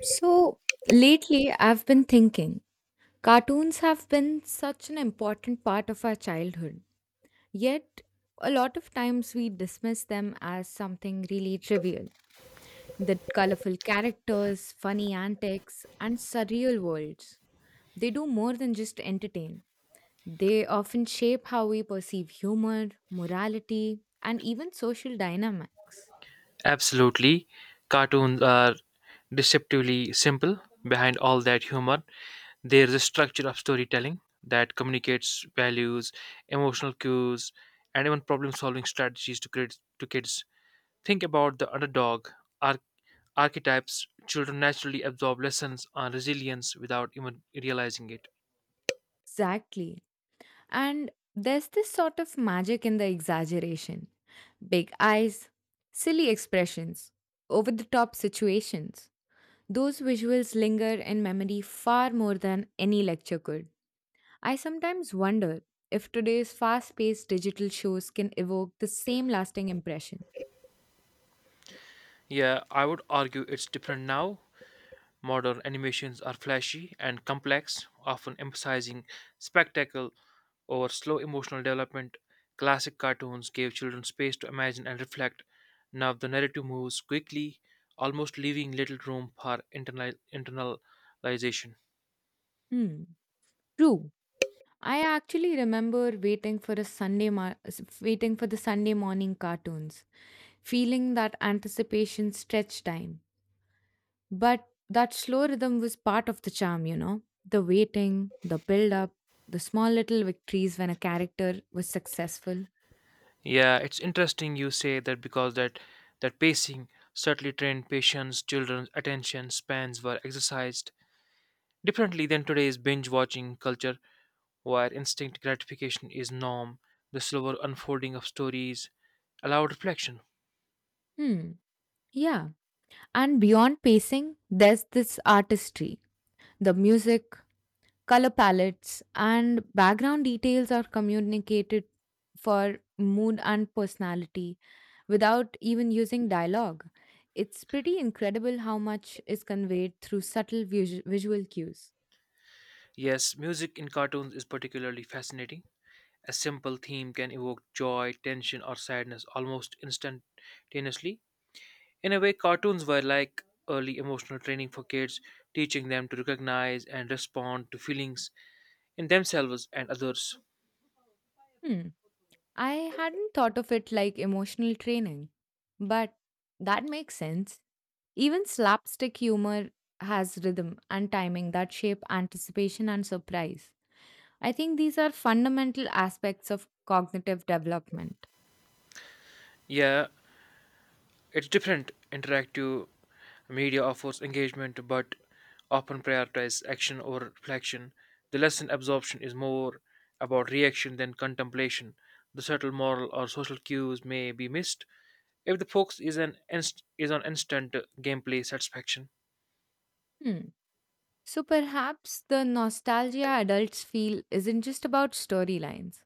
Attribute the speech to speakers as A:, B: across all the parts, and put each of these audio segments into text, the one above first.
A: So lately, I've been thinking cartoons have been such an important part of our childhood, yet, a lot of times we dismiss them as something really trivial. The colorful characters, funny antics, and surreal worlds. They do more than just entertain. They often shape how we perceive humor, morality, and even social dynamics.
B: Absolutely. Cartoons are deceptively simple. Behind all that humor, there's a structure of storytelling that communicates values, emotional cues, and even problem solving strategies to kids. Think about the underdog ar- archetypes. Children naturally absorb lessons on resilience without even realizing it.
A: Exactly. And there's this sort of magic in the exaggeration big eyes, silly expressions, over the top situations. Those visuals linger in memory far more than any lecture could. I sometimes wonder if today's fast paced digital shows can evoke the same lasting impression.
B: Yeah, I would argue it's different now. Modern animations are flashy and complex, often emphasizing spectacle or slow emotional development. Classic cartoons gave children space to imagine and reflect. Now the narrative moves quickly, almost leaving little room for internalization.
A: Hmm. True. I actually remember waiting for a waiting for the Sunday morning cartoons, feeling that anticipation stretch time. But that slow rhythm was part of the charm, you know? The waiting, the build up, the small little victories when a character was successful.
B: Yeah, it's interesting you say that because that pacing certainly trained patients, children's attention spans were exercised differently than today's binge watching culture, where instinct gratification is norm. The slower unfolding of stories allowed reflection.
A: Hmm, yeah. And beyond pacing, there's this artistry. The music, color palettes, and background details are communicated for mood and personality without even using dialogue. It's pretty incredible how much is conveyed through subtle visual cues.
B: Yes, music in cartoons is particularly fascinating. A simple theme can evoke joy, tension, or sadness almost instantaneously. In a way, cartoons were like early emotional training for kids, teaching them to recognize and respond to feelings in themselves and others.
A: Hmm. I hadn't thought of it like emotional training, but that makes sense. Even slapstick humor has rhythm and timing that shape anticipation and surprise. I think these are fundamental aspects of cognitive development.
B: Yeah, it's different. Interactive media offers engagement but often prioritize action or reflection. The lesson absorption is more about reaction than contemplation. The subtle moral or social cues may be missed if the focus is on instant gameplay satisfaction.
A: Hmm. So perhaps the nostalgia adults feel isn't just about storylines,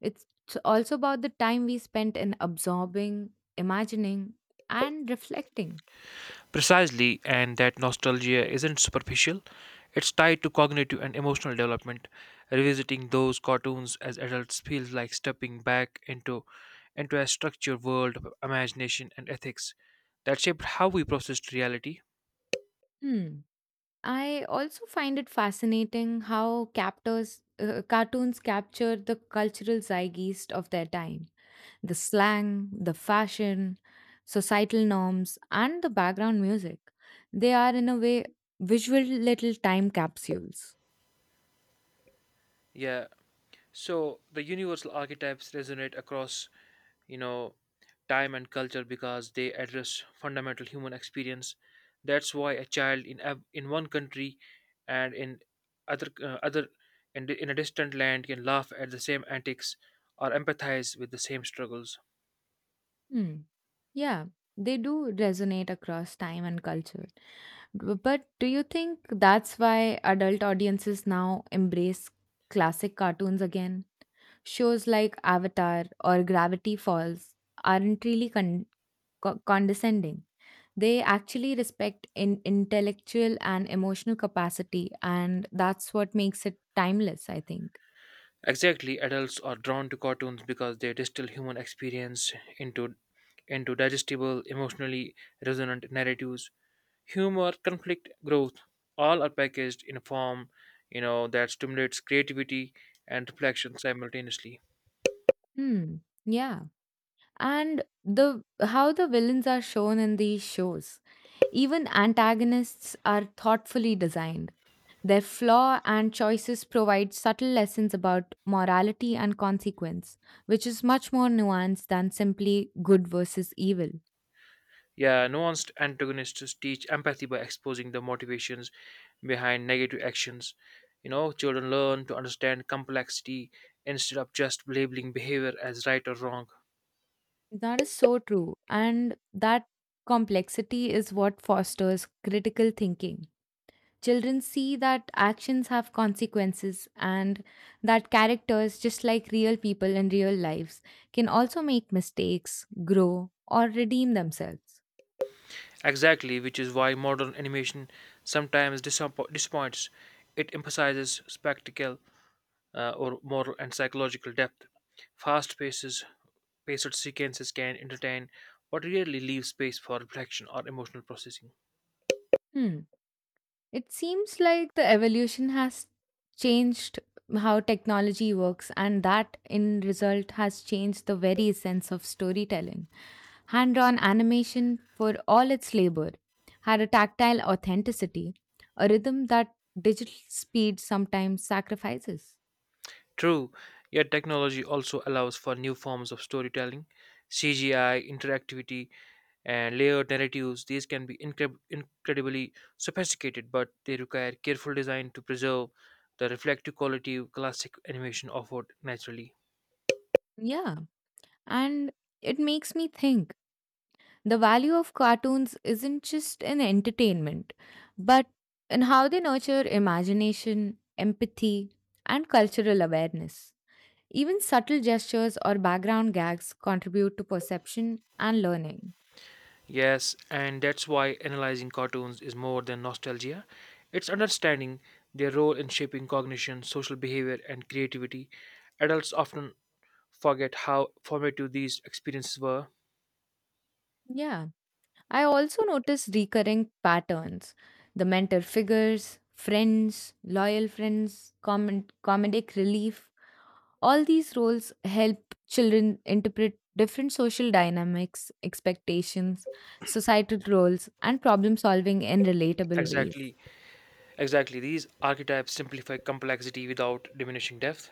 A: it's also about the time we spent in absorbing, imagining, and reflecting.
B: Precisely, and that nostalgia isn't superficial. It's tied to cognitive and emotional development. Revisiting those cartoons as adults feels like stepping back into a structured world of imagination and ethics that shaped how we processed reality.
A: Hmm. I also find it fascinating how cartoons capture the cultural zeitgeist of their time, the slang, the fashion, societal norms, and the background music. They are, in a way, visual little time capsules.
B: Yeah. So the universal archetypes resonate across, you know, time and culture because they address fundamental human experience. That's why a child in one country and in other other in, di- in a distant land can laugh at the same antics or empathize with the same struggles.
A: Hmm. Yeah, they do resonate across time and culture. But do you think that's why adult audiences now embrace classic cartoons again? Shows like Avatar or Gravity Falls aren't really condescending. They actually respect intellectual and emotional capacity, and that's what makes it timeless, I think.
B: Exactly, adults are drawn to cartoons because they distill human experience into digestible, emotionally resonant narratives. Humor, conflict, growth, all are packaged in a form, that stimulates creativity and reflection simultaneously.
A: Hmm. Yeah. And the how the villains are shown in these shows. Even antagonists are thoughtfully designed. Their flaw and choices provide subtle lessons about morality and consequence, which is much more nuanced than simply good versus evil.
B: Yeah, nuanced antagonists teach empathy by exposing the motivations behind negative actions. You know, children learn to understand complexity instead of just labeling behavior as right or wrong.
A: That is so true. And that complexity is what fosters critical thinking. Children see that actions have consequences and that characters, just like real people in real lives, can also make mistakes, grow, or redeem themselves.
B: Exactly, which is why modern animation sometimes disappoints. It emphasizes spectacle or moral and psychological depth. Fast paces, Paced sequences can entertain but rarely leave space for reflection or emotional processing.
A: Hmm. It seems like the evolution has changed how technology works, and that in result has changed the very essence of storytelling. Hand drawn animation, for all its labor, had a tactile authenticity, a rhythm that digital speed sometimes sacrifices.
B: True, yet technology also allows for new forms of storytelling, CGI, interactivity, and layered narratives. These can be incredibly sophisticated, but they require careful design to preserve the reflective quality classic animation offered naturally.
A: Yeah, and it makes me think, the value of cartoons isn't just in entertainment, but in how they nurture imagination, empathy, and cultural awareness. Even subtle gestures or background gags contribute to perception and learning.
B: Yes, and that's why analyzing cartoons is more than nostalgia. It's understanding their role in shaping cognition, social behavior, and creativity. Adults often forget how formative these experiences were.
A: Yeah, I also notice recurring patterns, the mentor figures, friends, loyal friends, common comedic relief. All these roles help children interpret different social dynamics, expectations, societal roles, and problem solving in relatable ways.
B: Exactly, exactly. These archetypes simplify complexity without diminishing depth.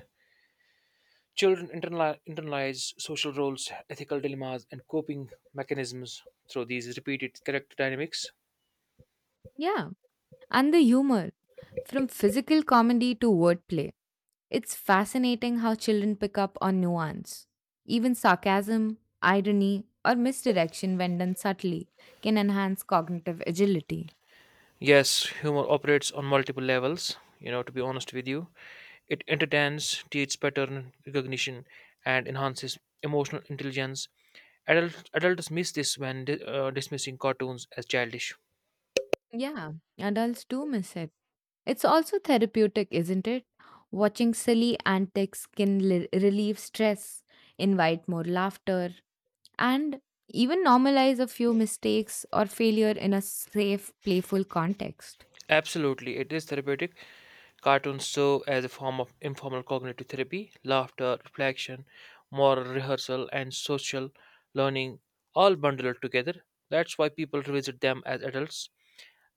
B: Children internalize social roles, ethical dilemmas, and coping mechanisms through these repeated character dynamics.
A: Yeah, and the humor from physical comedy to wordplay. It's fascinating how children pick up on nuance. Even sarcasm, irony, or misdirection, when done subtly, can enhance cognitive agility.
B: Yes, humor operates on multiple levels. You know, to be honest with you, it entertains, teaches pattern recognition, and enhances emotional intelligence. Adults miss this when dismissing cartoons as childish.
A: Yeah, adults do miss it. It's also therapeutic, isn't it? Watching silly antics can relieve stress, invite more laughter, and even normalize a few mistakes or failure in a safe, playful context.
B: Absolutely, it is therapeutic. Cartoons serve as a form of informal cognitive therapy. Laughter, reflection, moral rehearsal, and social learning all bundled together. That's why people revisit them as adults.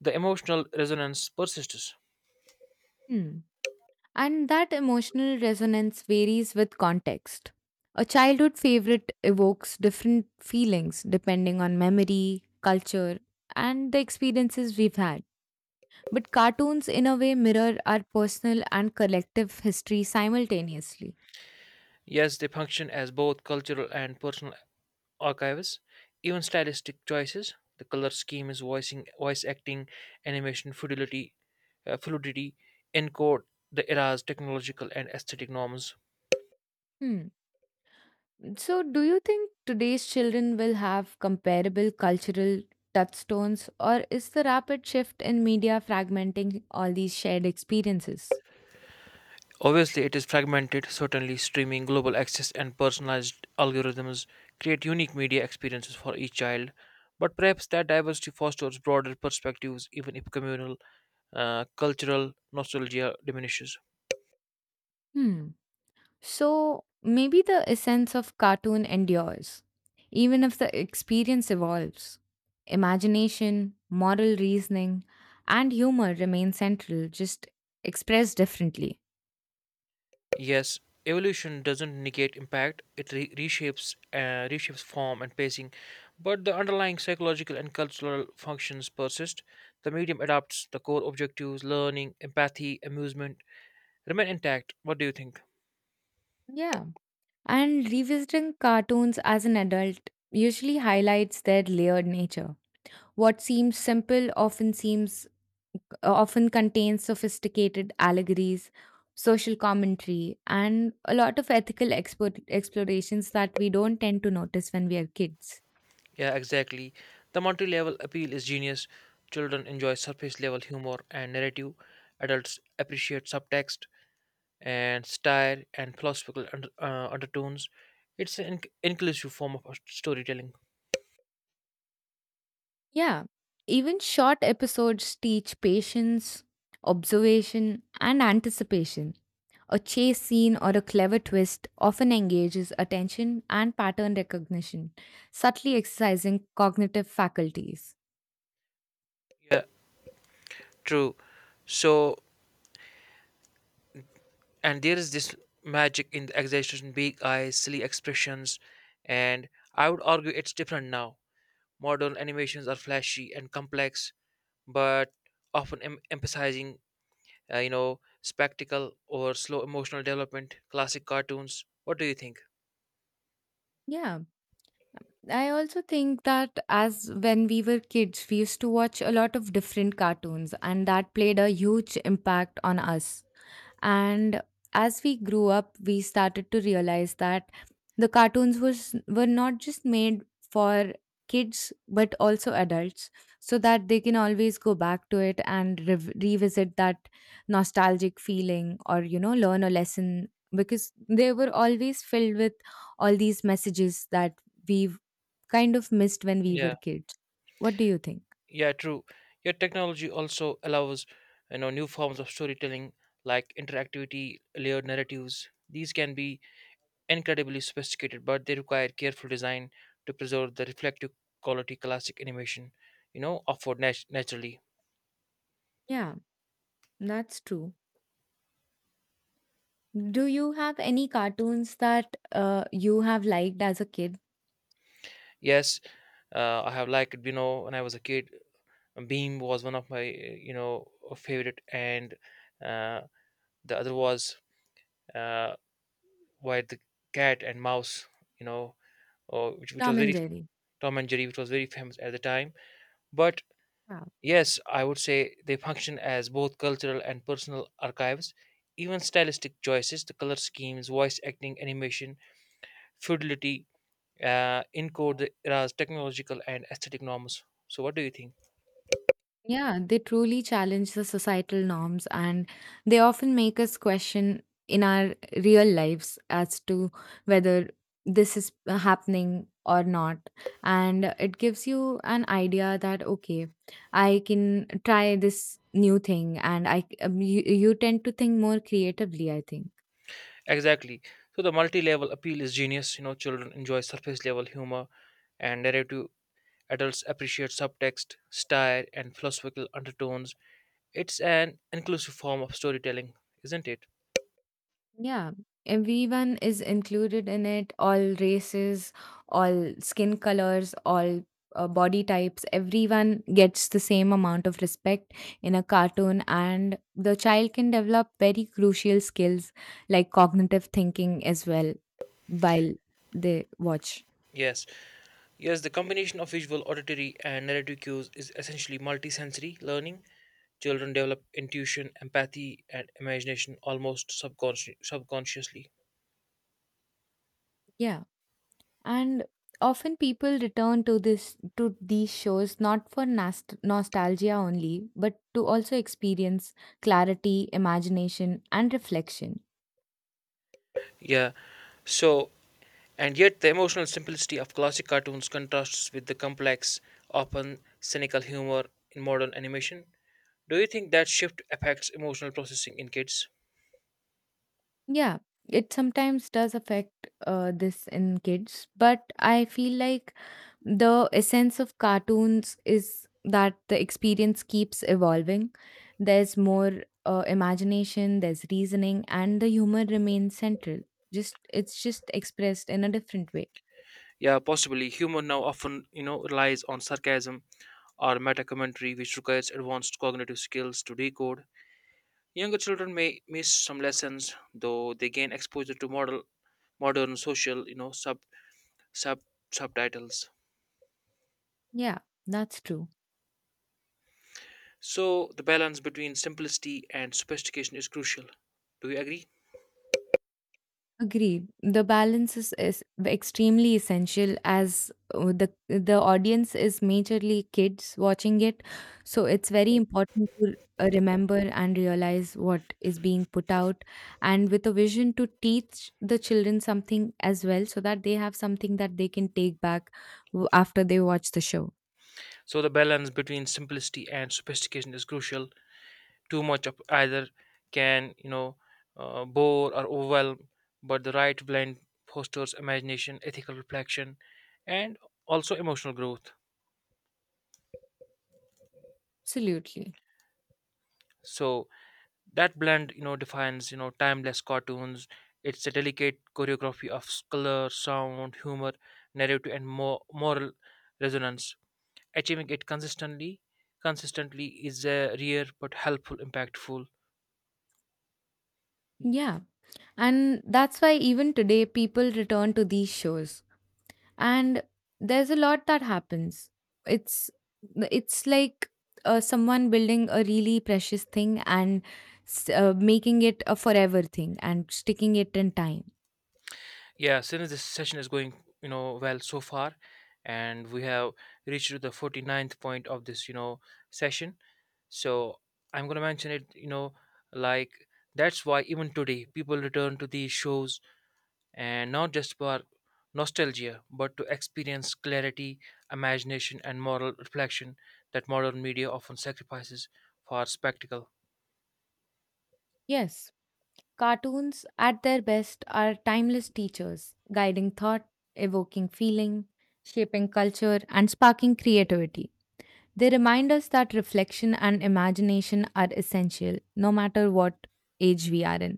B: The emotional resonance persists.
A: Hmm. And that emotional resonance varies with context. A childhood favorite evokes different feelings depending on memory, culture, and the experiences we've had. But cartoons, in a way, mirror our personal and collective history simultaneously.
B: Yes, they function as both cultural and personal archives. Even stylistic choices, the color scheme is voicing, voice acting, animation fluidity, fluidity, encode the era's technological and aesthetic norms.
A: Hmm. So, do you think today's children will have comparable cultural touchstones, or is the rapid shift in media fragmenting all these shared experiences?
B: Obviously, it is fragmented. Certainly, streaming, global access, and personalized algorithms create unique media experiences for each child. But perhaps that diversity fosters broader perspectives, even if communal, cultural nostalgia diminishes.
A: Hmm. So, maybe the essence of cartoon endures, even if the experience evolves. Imagination, moral reasoning, and humor remain central, just expressed differently.
B: Yes, evolution doesn't negate impact; it reshapes form and pacing, but the underlying psychological and cultural functions persist. The medium adapts the core objectives, learning, empathy, amusement, remain intact. What do you think?
A: Yeah. And revisiting cartoons as an adult usually highlights their layered nature. What seems simple often contains sophisticated allegories, social commentary, and a lot of ethical explorations that we don't tend to notice when we are kids.
B: Yeah, exactly. The multi-level appeal is genius. Children enjoy surface-level humor and narrative. Adults appreciate subtext and style and philosophical undertones. It's an inclusive form of storytelling.
A: Yeah, even short episodes teach patience, observation, and anticipation. A chase scene or a clever twist often engages attention and pattern recognition, subtly exercising cognitive faculties.
B: Yeah. True. So, and there is this magic in the exaggeration, big eyes, silly expressions, and I would argue it's different now. Modern animations are flashy and complex, but often emphasizing, spectacle or slow emotional development. Classic cartoons. What do you think?
A: Yeah, I also think that as when we were kids, we used to watch a lot of different cartoons, and that played a huge impact on us. And as we grew up, we started to realize that the cartoons was were not just made for kids but also adults, so that they can always go back to it and revisit that nostalgic feeling, or you know, learn a lesson, because they were always filled with all these messages that we've kind of missed when we
B: Yeah,
A: were kids. What do you think?
B: yeah, true. Your technology also allows, you know, new forms of storytelling like interactivity, layered narratives. These can be incredibly sophisticated, but they require careful design to preserve the reflective quality classic animation, you know, offered naturally.
A: Yeah, that's true. Do you have any cartoons that you have liked as a kid?
B: Yes, I have liked, you know, when I was a kid, Beam was one of my, favorite, and uh, the other was uh, Why the Cat and Mouse, you know, or, which was
A: Tom and
B: very
A: Jerry.
B: Tom and Jerry, which was very famous at the time. But
A: Wow.
B: yes, I would say they function as both cultural and personal archives. Even stylistic choices, the color schemes, voice acting, animation, fidelity, encode the era's technological and aesthetic norms. So, what do you think?
A: Yeah, they truly challenge the societal norms and they often make us question in our real lives as to whether this is happening or not. And it gives you an idea that, okay, I can try this new thing, and you tend to think more creatively, I think.
B: Exactly. So, the multi level appeal is genius. You know, children enjoy surface level humor and narrative, adults appreciate subtext, style, and philosophical undertones. It's an inclusive form of storytelling, isn't it?
A: Yeah, everyone is included in it, all races, all skin colors, all body types. Everyone gets the same amount of respect in a cartoon, and the child can develop very crucial skills like cognitive thinking as well while they watch.
B: Yes. Yes, the combination of visual, auditory, and narrative cues is essentially multisensory learning. Children develop intuition, empathy, and imagination almost subconsciously.
A: Yeah. And often people return to this to these shows not for nostalgia only, but to also experience clarity, imagination, and reflection.
B: Yeah, so, and yet the emotional simplicity of classic cartoons contrasts with the complex, often cynical humor in modern animation. Do you think that shift affects emotional processing in kids?
A: Yeah, it sometimes does affect this in kids, but I feel like the essence of cartoons is that the experience keeps evolving. There's more imagination, there's reasoning, and the humor remains central. Just it's just expressed in a different way.
B: Yeah, possibly. Humor now often, you know, relies on sarcasm or meta commentary, which requires advanced cognitive skills to decode. Younger children may miss some lessons, though they gain exposure to modern social, you know, sub subtitles.
A: Yeah, that's true.
B: So the balance between simplicity and sophistication is crucial. Do you agree?
A: Agreed. The balance is extremely essential, as the audience is majorly kids watching it, so it's very important to remember and realize what is being put out, and with a vision to teach the children something as well, so that they have something that they can take back after they watch the show.
B: So the balance between simplicity and sophistication is crucial. Too much of either can, bore or overwhelm, but the right blend fosters imagination, ethical reflection, and also emotional growth.
A: Absolutely.
B: So that blend, you know, defines, you know, timeless cartoons. It's a delicate choreography of color, sound, humor, narrative, and more moral resonance. Achieving it consistently is a rare but helpful impactful.
A: Yeah, and that's why even today people return to these shows, and there's a lot that happens. it's it's like someone building a really precious thing and making it a forever thing and sticking it in time.
B: Yeah, since this session is going, you know, well so far, and we have reached to the 49th point of this, you know, session, so I'm going to mention it, you know, like that's why even today people return to these shows, and not just for nostalgia, but to experience clarity, imagination, and moral reflection that modern media often sacrifices for spectacle.
A: Yes, cartoons at their best are timeless teachers, guiding thought, evoking feeling, shaping culture, and sparking creativity. They remind us that reflection and imagination are essential no matter what age we are in.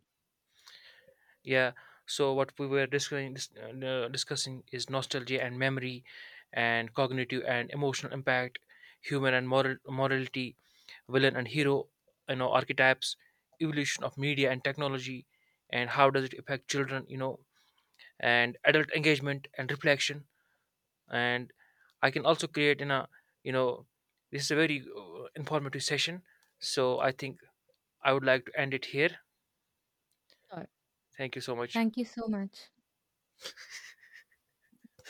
B: Yeah, so what we were discussing is nostalgia and memory, and cognitive and emotional impact, human and moral morality, villain and hero, you know, archetypes, evolution of media and technology, and how does it affect children, you know, and adult engagement and reflection. And I can also create in a, you know, this is a very informative session, so I think I would like to end it here.
A: Sure.
B: Thank you so much.
A: Thank you so much.